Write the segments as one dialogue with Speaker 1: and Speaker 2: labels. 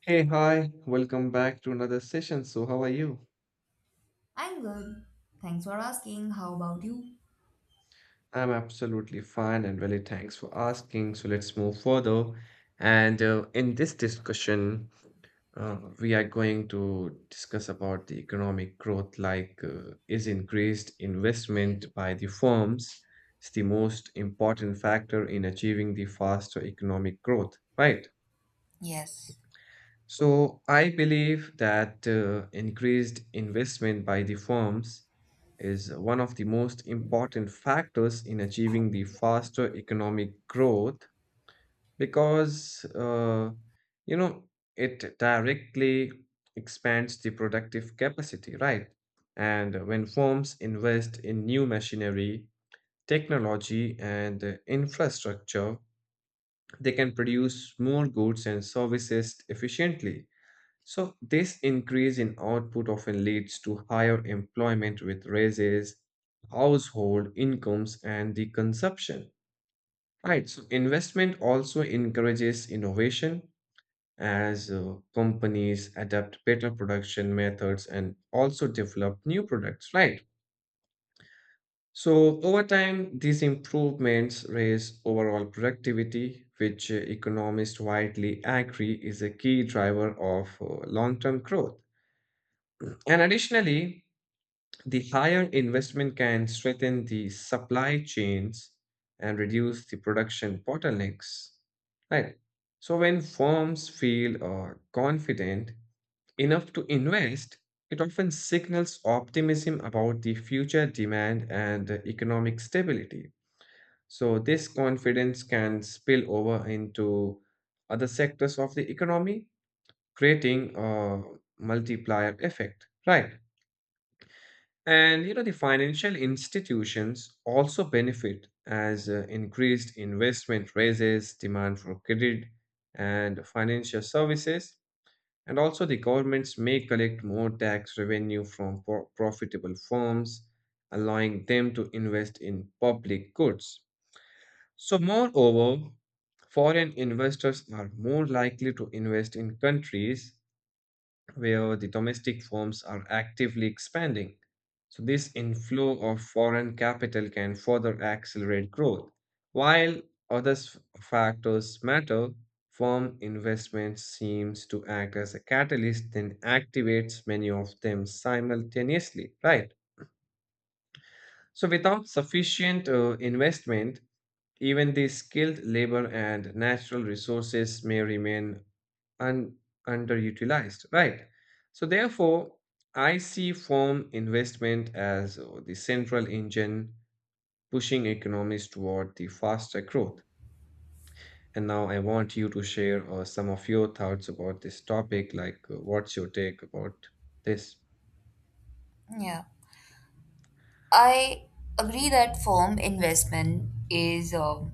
Speaker 1: Hey, hi, welcome back to another session. So, how are you?
Speaker 2: I'm good. Thanks for asking. How about you?
Speaker 1: I'm absolutely fine and really thanks for asking. So, let's move further. And in this discussion, we are going to discuss about the economic growth like, is increased investment by the firms is the most important factor in achieving the faster economic growth, right?
Speaker 2: Yes.
Speaker 1: So I believe that increased investment by the firms is one of the most important factors in achieving the faster economic growth because you know it directly expands the productive capacity, right? And when firms invest in new machinery, technology, and infrastructure, they can produce more goods and services efficiently, so this increase in output often leads to higher employment with raises, household incomes, and the consumption. Right. So investment also encourages innovation as companies adapt better production methods and also develop new products. Right. So over time, these improvements raise overall productivity, which economists widely agree is a key driver of long-term growth. And additionally, the higher investment can strengthen the supply chains and reduce the production bottlenecks. Right. So when firms feel confident enough to invest, it often signals optimism about the future demand and economic stability. So this confidence can spill over into other sectors of the economy, creating a multiplier effect. Right. And you know, the financial institutions also benefit as increased investment raises demand for credit and financial services. And also, the governments may collect more tax revenue from profitable firms, allowing them to invest in public goods. So, moreover, foreign investors are more likely to invest in countries where the domestic firms are actively expanding. So, this inflow of foreign capital can further accelerate growth. While factors matter, firm investment seems to act as a catalyst and activates many of them simultaneously, right? So, without sufficient investment, even the skilled labor and natural resources may remain un- underutilized, right? So, therefore, I see firm investment as the central engine pushing economies toward the faster growth. And now I want you to share some of your thoughts about this topic, like, what's your take about this?
Speaker 2: Yeah. I agree that firm investment is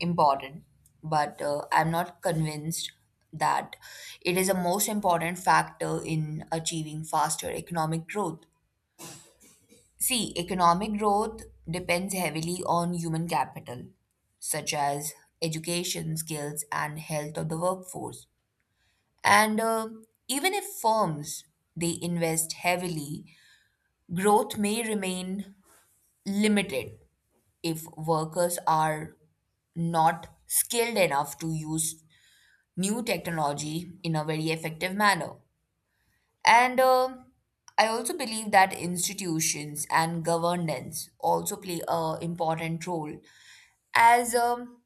Speaker 2: important, but I'm not convinced that it is the most important factor in achieving faster economic growth. See, economic growth depends heavily on human capital, such as education, skills, and health of the workforce. And Even if firms they invest heavily, growth may remain limited if workers are not skilled enough to use new technology in a very effective manner. And I also believe that institutions and governance also play a important role as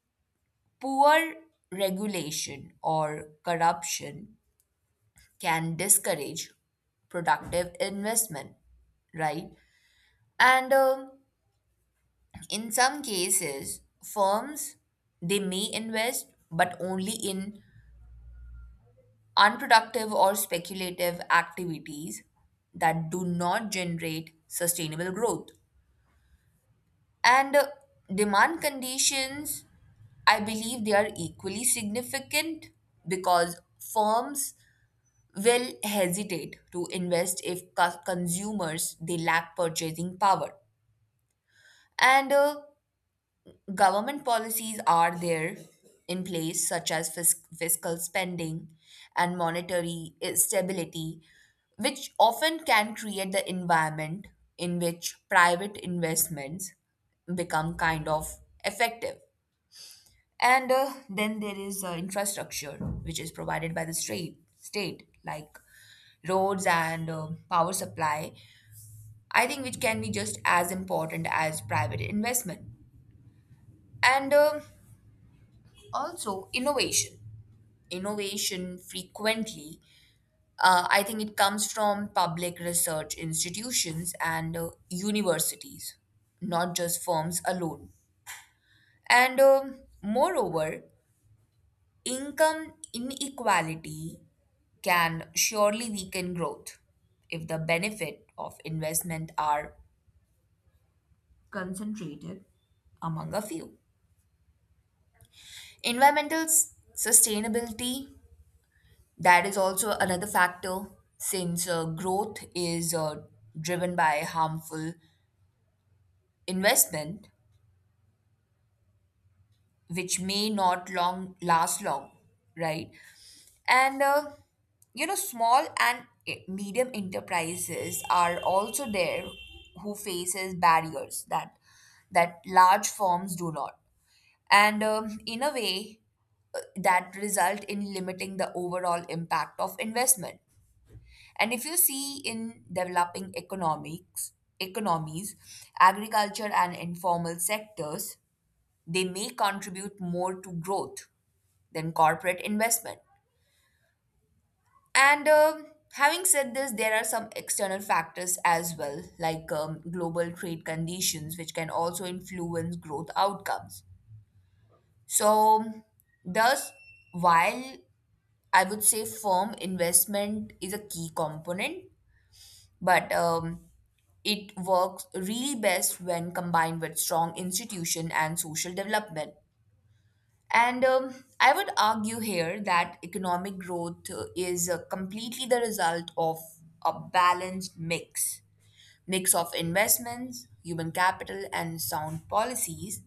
Speaker 2: poor regulation or corruption can discourage productive investment, right? And In some cases, firms they may invest but only in unproductive or speculative activities that do not generate sustainable growth. And Demand conditions, I believe they are equally significant because firms will hesitate to invest if consumers they lack purchasing power and government policies are there in place such as fiscal spending and monetary stability, which often can create the environment in which private investments become kind of effective, and then there is infrastructure which is provided by the state like roads and power supply, I think, which can be just as important as private investment. And Also innovation. Innovation frequently, I think it comes from public research institutions and universities, not just firms alone. And Moreover, income inequality can surely weaken growth if the benefit of investment are concentrated among a few. Environmental sustainability, that is also another factor since growth is driven by harmful investment, which may not long last long, right? And uh, Small and medium enterprises are also there who faces barriers that large firms do not, and in a way that result in limiting the overall impact of investment. And if you see in developing economics economies, agriculture and informal sectors they may contribute more to growth than corporate investment. And Having said this, there are some external factors as well, like global trade conditions, which can also influence growth outcomes. So, thus, while I would say firm investment is a key component, but it works really best when combined with strong institution and social development. And I would argue here that economic growth is completely the result of a balanced mix of investments, human capital, and sound policies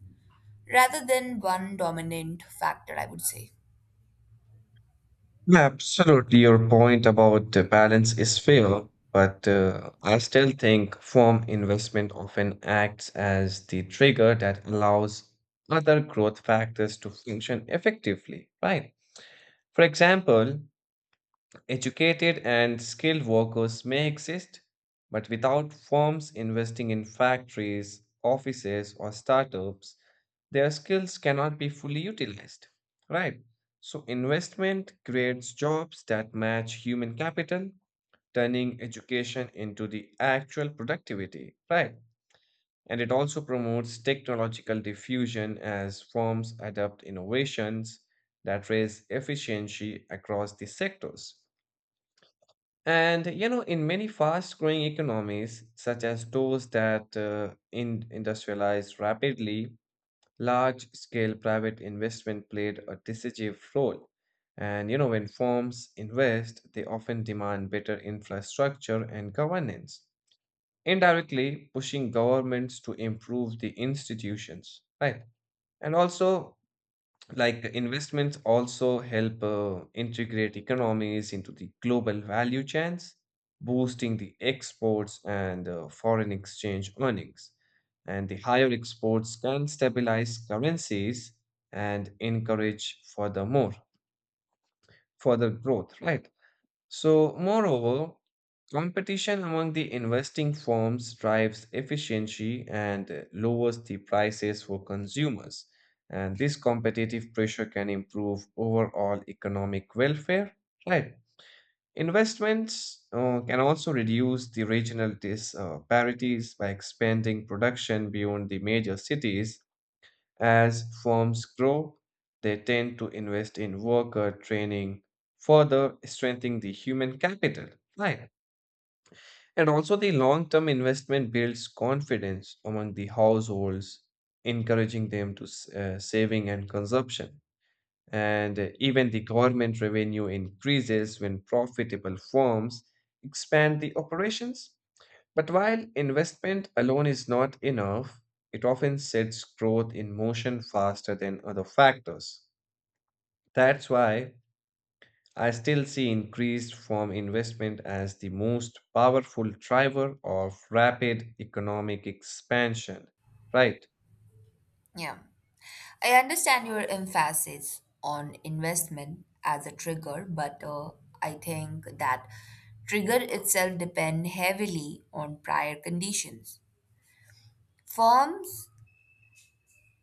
Speaker 2: rather than one dominant factor, I would say.
Speaker 1: Yeah, absolutely. Your point about the balance is fair, but I still think firm investment often acts as the trigger that allows other growth factors to function effectively, right? For example, educated and skilled workers may exist, but without firms investing in factories, offices, or startups, their skills cannot be fully utilized, right? So, investment creates jobs that match human capital, turning education into the actual productivity, right? And it also promotes technological diffusion as firms adopt innovations that raise efficiency across the sectors. And you know, in many fast-growing economies, such as those that in industrialize rapidly, large-scale private investment played a decisive role. And you know, when firms invest, they often demand better infrastructure and governance, indirectly pushing governments to improve the institutions, right? And also, like investments also help integrate economies into the global value chains, boosting the exports and foreign exchange earnings, and the higher exports can stabilize currencies and encourage furthermore further growth, right? So, moreover, competition among the investing firms drives efficiency and lowers the prices for consumers. And this competitive pressure can improve overall economic welfare. Right. Investments can also reduce the regional disparities by expanding production beyond the major cities. As firms grow, they tend to invest in worker training, further strengthening the human capital. Right. And also, the long term investment builds confidence among the households, encouraging them to saving and consumption. And even the government revenue increases when profitable firms expand the operations. But while investment alone is not enough, it often sets growth in motion faster than other factors. That's why I still see increased form investment as the most powerful driver of rapid economic expansion. Right.
Speaker 2: Yeah. I understand your emphasis on investment as a trigger, but I think that trigger itself depend heavily on prior conditions. Firms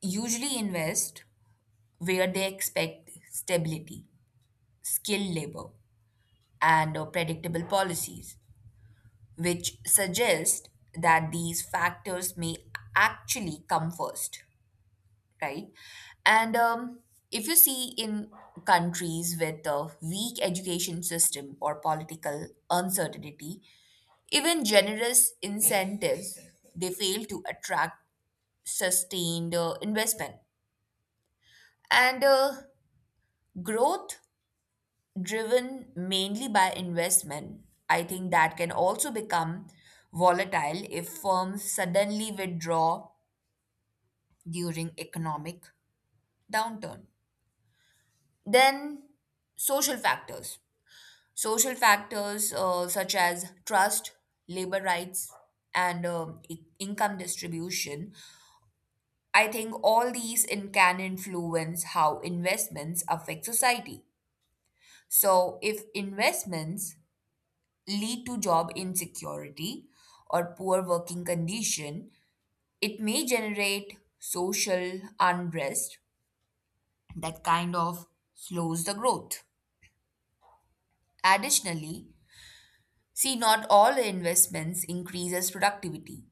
Speaker 2: usually invest where they expect stability, skilled labor, and predictable policies, which suggest that these factors may actually come first, right? And If you see in countries with a weak education system or political uncertainty, even generous incentives they fail to attract sustained investment. And Growth driven mainly by investment, I think that can also become volatile if firms suddenly withdraw during economic downturn. Then social factors social factors such as trust, labor rights, and income distribution, I think all these can influence how investments affect society. So, if investments lead to job insecurity or poor working condition, it may generate social unrest that kind of slows the growth. Additionally, see, not all investments increases productivity.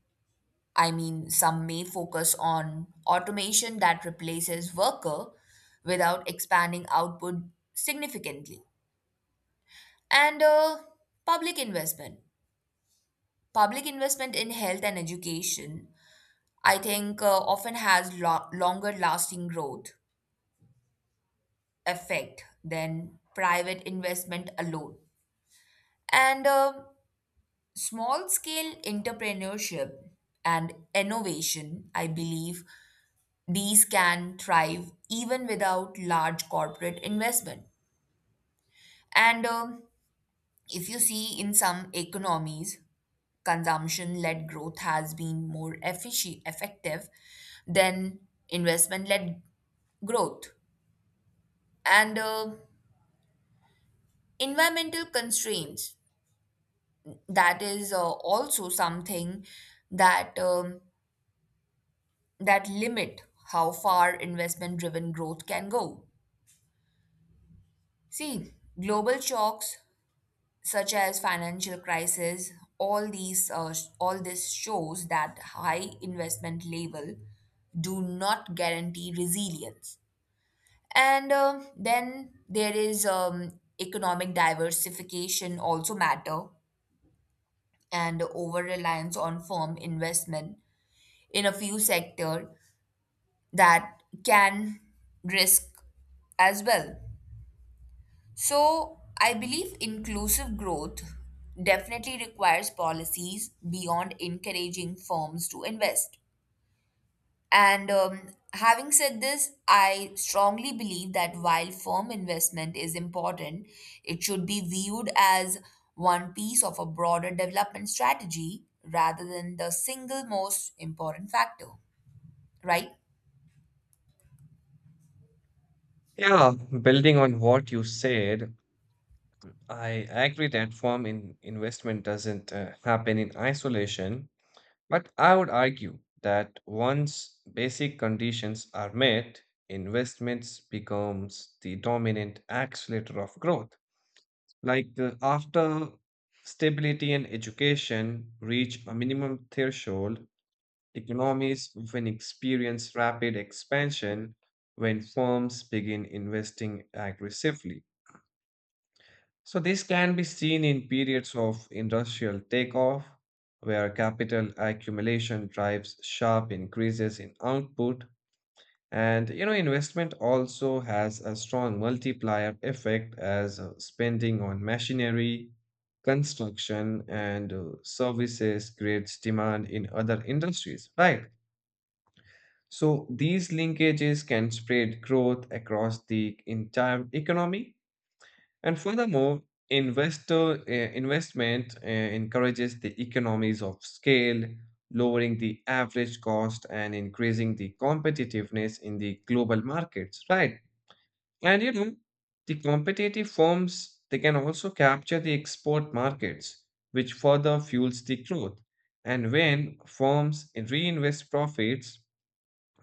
Speaker 2: I mean, some may focus on automation that replaces worker without expanding output significantly. And Public investment. Public investment in health and education, I think, often has longer lasting growth effect than private investment alone. And Small scale entrepreneurship and innovation, I believe, these can thrive even without large corporate investment. And If you see in some economies, consumption led growth has been more effective than investment led growth. And Environmental constraints, that is also something that, that limit how far investment driven growth can go. See, global shocks such as financial crisis, all these all this shows that high investment level do not guarantee resilience, and then there is economic diversification also matter, and over reliance on firm investment in a few sector that can risk as well. So, I believe inclusive growth definitely requires policies beyond encouraging firms to invest. And Having said this, I strongly believe that while firm investment is important, it should be viewed as one piece of a broader development strategy rather than the single most important factor, right?
Speaker 1: Yeah, building on what you said, I agree that firm in investment doesn't happen in isolation. But I would argue that once basic conditions are met, investments becomes the dominant accelerator of growth. Like after stability and education reach a minimum threshold, economies often experience rapid expansion when firms begin investing aggressively. So this can be seen in periods of industrial takeoff, where capital accumulation drives sharp increases in output. And you know, investment also has a strong multiplier effect as spending on machinery, construction, and services creates demand in other industries, right? So these linkages can spread growth across the entire economy. And furthermore, investor investment encourages the economies of scale, lowering the average cost and increasing the competitiveness in the global markets, right? And you know, the competitive firms they can also capture the export markets, which further fuels the growth. And when firms reinvest profits,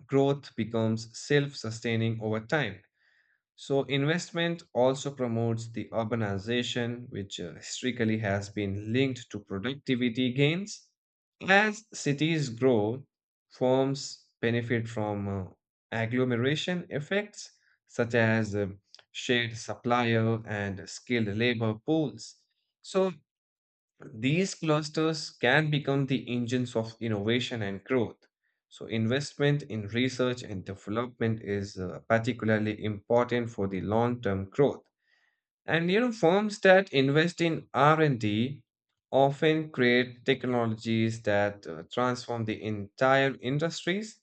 Speaker 1: growth becomes self-sustaining over time. So, investment also promotes the urbanization, which historically has been linked to productivity gains. As cities grow, firms benefit from agglomeration effects, such as shared supplier and skilled labor pools. So, these clusters can become the engines of innovation and growth. So, investment in research and development is particularly important for the long-term growth. And you know, firms that invest in R&D often create technologies that transform the entire industries,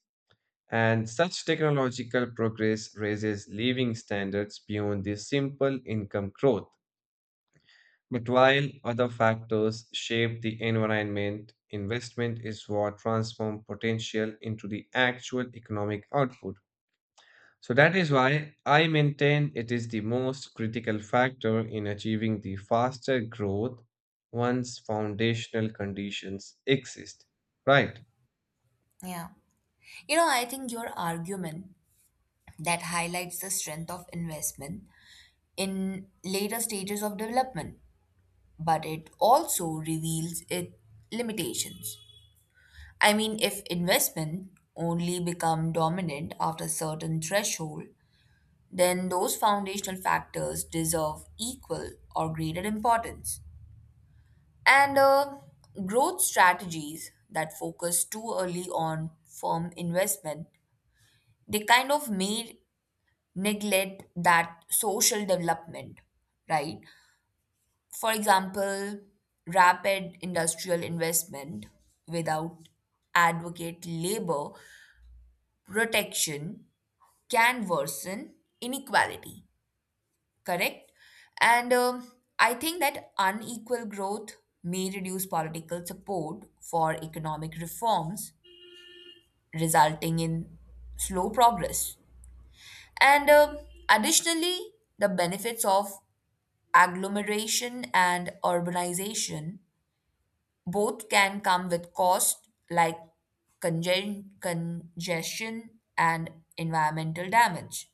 Speaker 1: and such technological progress raises living standards beyond the simple income growth. But while other factors shape the environment, investment is what transforms potential into the actual economic output. So that is why I maintain it is the most critical factor in achieving the faster growth once foundational conditions exist. Right.
Speaker 2: Yeah. You know, I think your argument that highlights the strength of investment in later stages of development, but it also reveals its limitations. I mean, if investment only become dominant after a certain threshold, then those foundational factors deserve equal or greater importance. And Growth strategies that focus too early on firm investment, they kind of may neglect that social development, right? For example, rapid industrial investment without adequate labor protection can worsen inequality, correct? And I think that unequal growth may reduce political support for economic reforms, resulting in slow progress. And Additionally, the benefits of agglomeration and urbanization both can come with cost like congestion and environmental damage.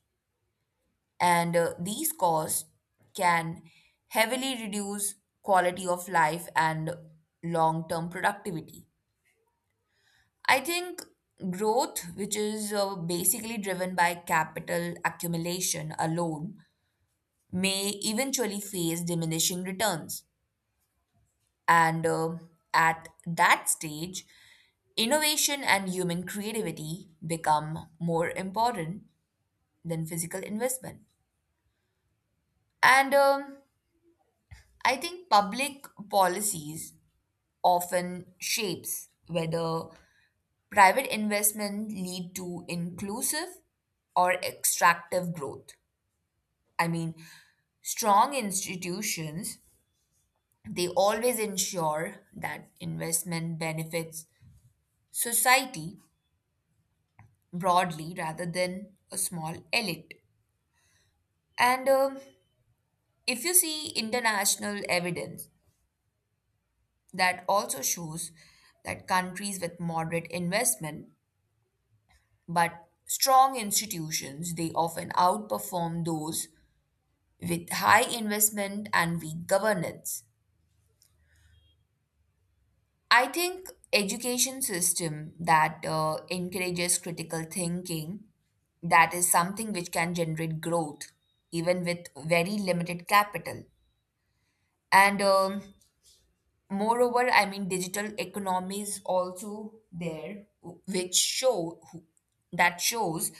Speaker 2: And These costs can heavily reduce quality of life and long term productivity. I think growth, which is basically driven by capital accumulation alone, may eventually face diminishing returns. And At that stage, innovation and human creativity become more important than physical investment. And I think public policies often shapes whether private investment lead to inclusive or extractive growth. I mean, strong institutions they always ensure that investment benefits society broadly rather than a small elite. And If you see international evidence that also shows that countries with moderate investment but strong institutions they often outperform those with high investment and weak governance. I think education system that encourages critical thinking, that is something which can generate growth even with very limited capital. And Moreover, I mean, digital economies also there, which that shows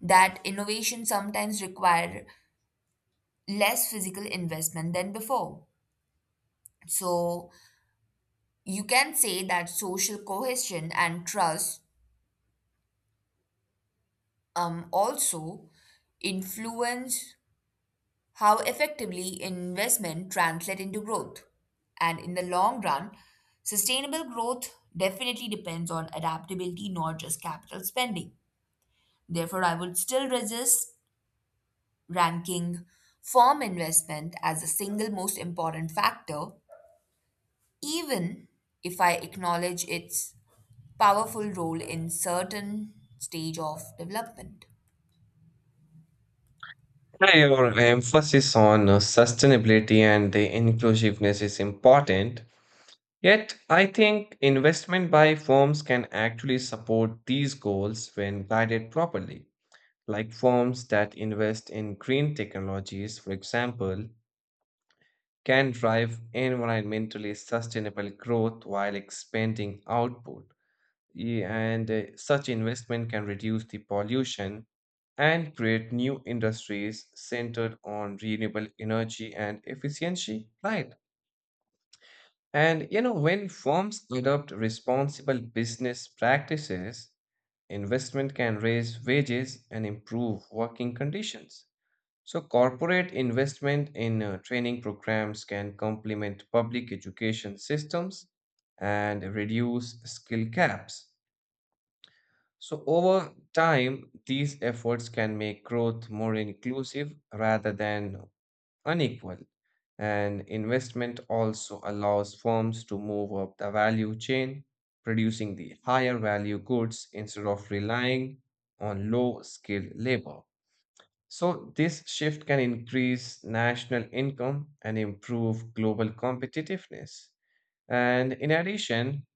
Speaker 2: that innovation sometimes require less physical investment than before. So you can say that social cohesion and trust also influence how effectively investment translate into growth. And in the long run, sustainable growth definitely depends on adaptability, not just capital spending. Therefore, I would still resist ranking firm investment as the single most important factor, even if I acknowledge its powerful role in certain stage of development.
Speaker 1: Yeah, your emphasis on sustainability and the inclusiveness is important. Yet, I think investment by firms can actually support these goals when guided properly. Like firms that invest in green technologies, for example, can drive environmentally sustainable growth while expanding output. And such investment can reduce the pollution and create new industries centered on renewable energy and efficiency, right? And you know, when firms adopt responsible business practices, investment can raise wages and improve working conditions. So, corporate investment in training programs can complement public education systems and reduce skill gaps. So, over time, these efforts can make growth more inclusive rather than unequal. And investment also allows firms to move up the value chain, producing the higher value goods instead of relying on low skilled labor. So, this shift can increase national income and improve global competitiveness. And in addition,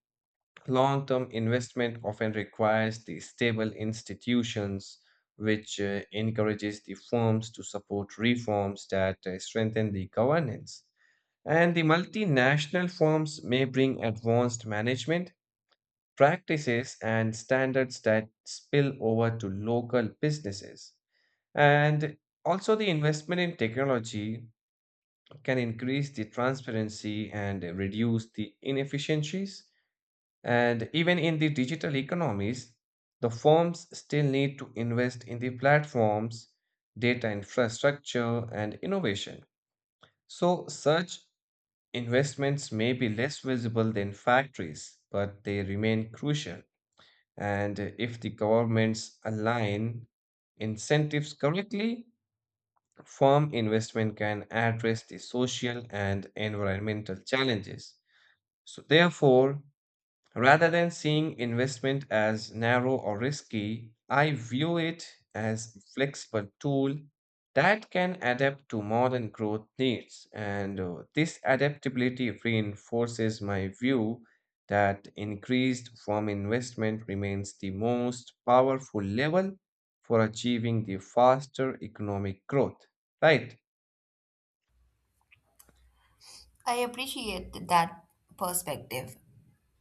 Speaker 1: long term investment often requires the stable institutions, which encourages the firms to support reforms that strengthen the governance, and the multinational firms may bring advanced management practices and standards that spill over to local businesses. And also, the investment in technology can increase the transparency and reduce the inefficiencies. And even in the digital economies, the firms still need to invest in the platforms, data infrastructure, and innovation. So, such investments may be less visible than factories, but they remain crucial. And if the governments align incentives correctly, firm investment can address the social and environmental challenges. So, therefore, rather than seeing investment as narrow or risky, I view it as a flexible tool that can adapt to modern growth needs. And this adaptability reinforces my view that increased firm investment remains the most powerful level for achieving the faster economic growth. Right?
Speaker 2: I appreciate that perspective,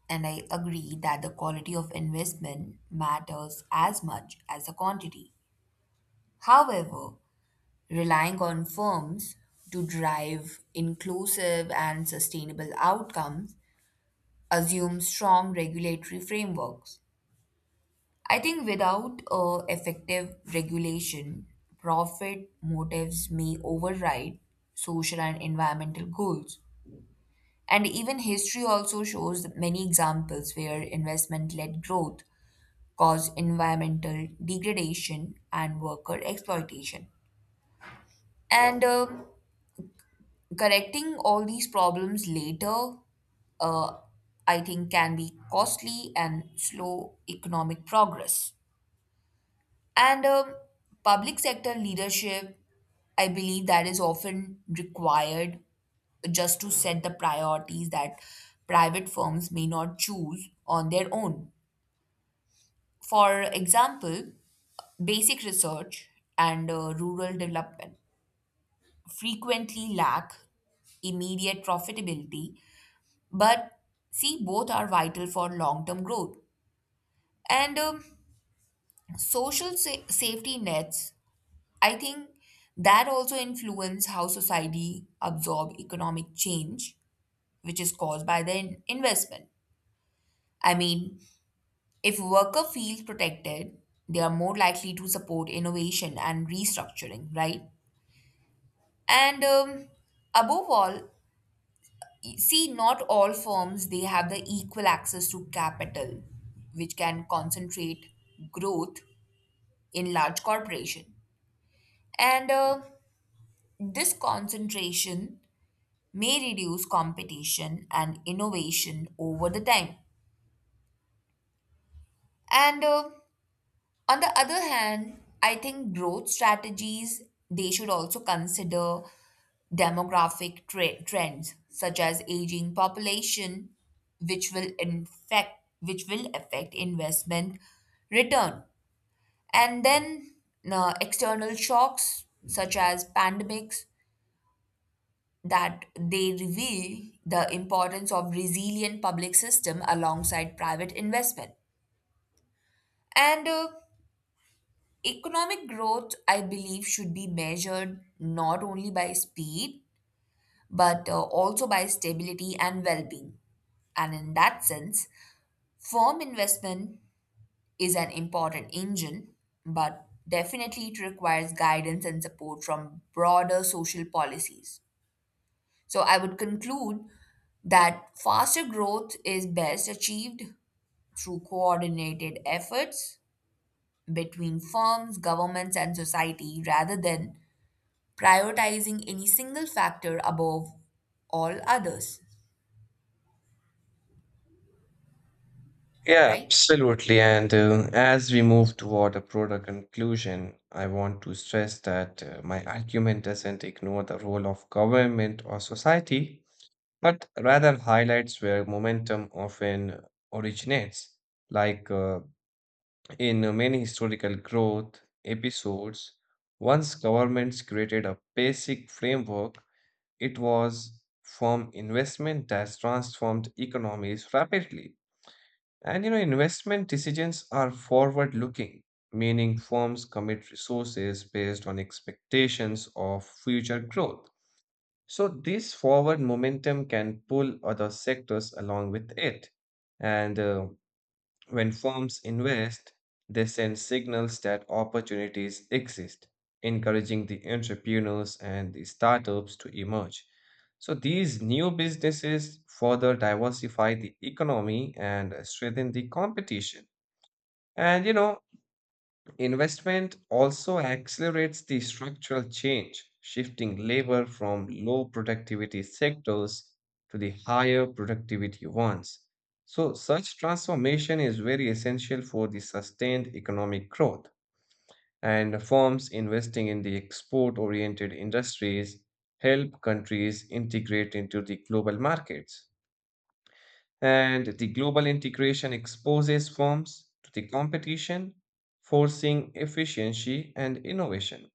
Speaker 2: and I agree that the quality of investment matters as much as the quantity. However, relying on firms to drive inclusive and sustainable outcomes assumes strong regulatory frameworks. I think without effective regulation, profit motives may override social and environmental goals. And even history also shows many examples where investment led growth caused environmental degradation and worker exploitation. And correcting all these problems later, uh, I think, can be costly and slow economic progress. And public sector leadership, I believe, that is often required just to set the priorities that private firms may not choose on their own. For example, basic research and rural development frequently lack immediate profitability, but see, both are vital for long term growth. And social safety nets, I think that also influence how society absorb economic change, which is caused by the investment. I mean, if worker feels protected, they are more likely to support innovation and restructuring, right? And above all, see, not all firms they have the equal access to capital, which can concentrate growth in large corporation. And this concentration may reduce competition and innovation over the time. And On the other hand, I think growth strategies they should also consider demographic trends such as aging population which will infect which will affect investment return, and then external shocks such as pandemics that they reveal the importance of resilient public system alongside private investment, and economic growth, I believe, should be measured not only by speed, but also by stability and well being. And in that sense, firm investment is an important engine, but definitely it requires guidance and support from broader social policies. So I would conclude that faster growth is best achieved through coordinated efforts between firms, governments, and society rather than prioritizing any single factor above all others,
Speaker 1: Yeah,
Speaker 2: right?
Speaker 1: absolutely. And As we move toward a broader conclusion, I want to stress that my argument doesn't ignore the role of government or society, but rather highlights where momentum often originates. Like in many historical growth episodes, once governments created a basic framework, it was from investment that transformed economies rapidly. And you know, investment decisions are forward looking, meaning firms commit resources based on expectations of future growth. So, this forward momentum can pull other sectors along with it. And when firms invest, they send signals that opportunities exist, encouraging the entrepreneurs and the startups to emerge. So these new businesses further diversify the economy and strengthen the competition. And you know, investment also accelerates the structural change, shifting labor from low productivity sectors to the higher productivity ones. So, such transformation is very essential for the sustained economic growth. And firms investing in the export oriented industries help countries integrate into the global markets. And the global integration exposes firms to the competition, forcing efficiency and innovation.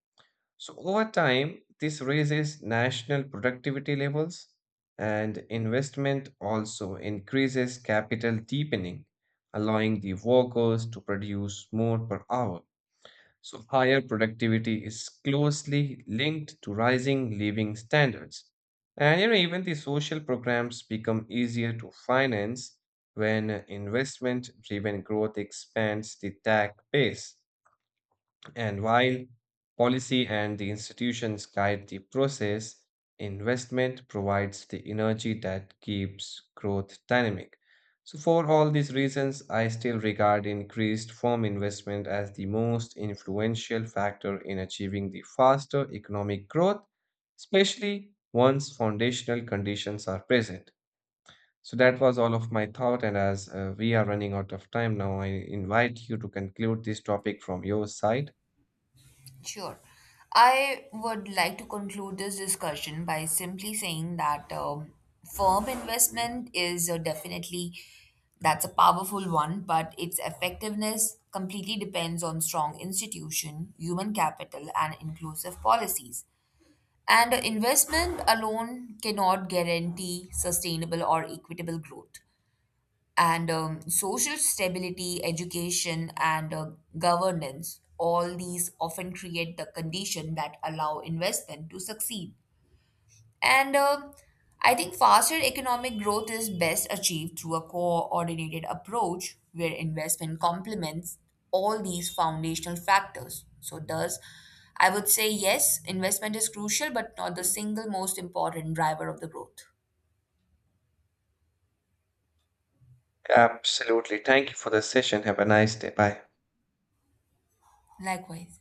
Speaker 1: So, over time, this raises national productivity levels, and investment also increases capital deepening, allowing the workers to produce more per hour. So, higher productivity is closely linked to rising living standards. And you know, even the social programs become easier to finance when investment driven growth expands the tax base. And while policy and the institutions guide the process, investment provides the energy that keeps growth dynamic. So, for all these reasons, I still regard increased firm investment as the most influential factor in achieving the faster economic growth, especially once foundational conditions are present. So, that was all of my thought, and as we are running out of time now, I invite you to conclude this topic from your side.
Speaker 2: Sure. I would like to conclude this discussion by simply saying that firm investment is definitely that's a powerful one, but its effectiveness completely depends on strong institution, human capital, and inclusive policies. And investment alone cannot guarantee sustainable or equitable growth. And Social stability, education, and governance, all these often create the condition that allow investment to succeed. And I think faster economic growth is best achieved through a coordinated approach where investment complements all these foundational factors. So, thus, I would say yes, investment is crucial, but not the single most important driver of the growth.
Speaker 1: Absolutely. Thank you for the session. Have a nice day. Bye.
Speaker 2: Likewise.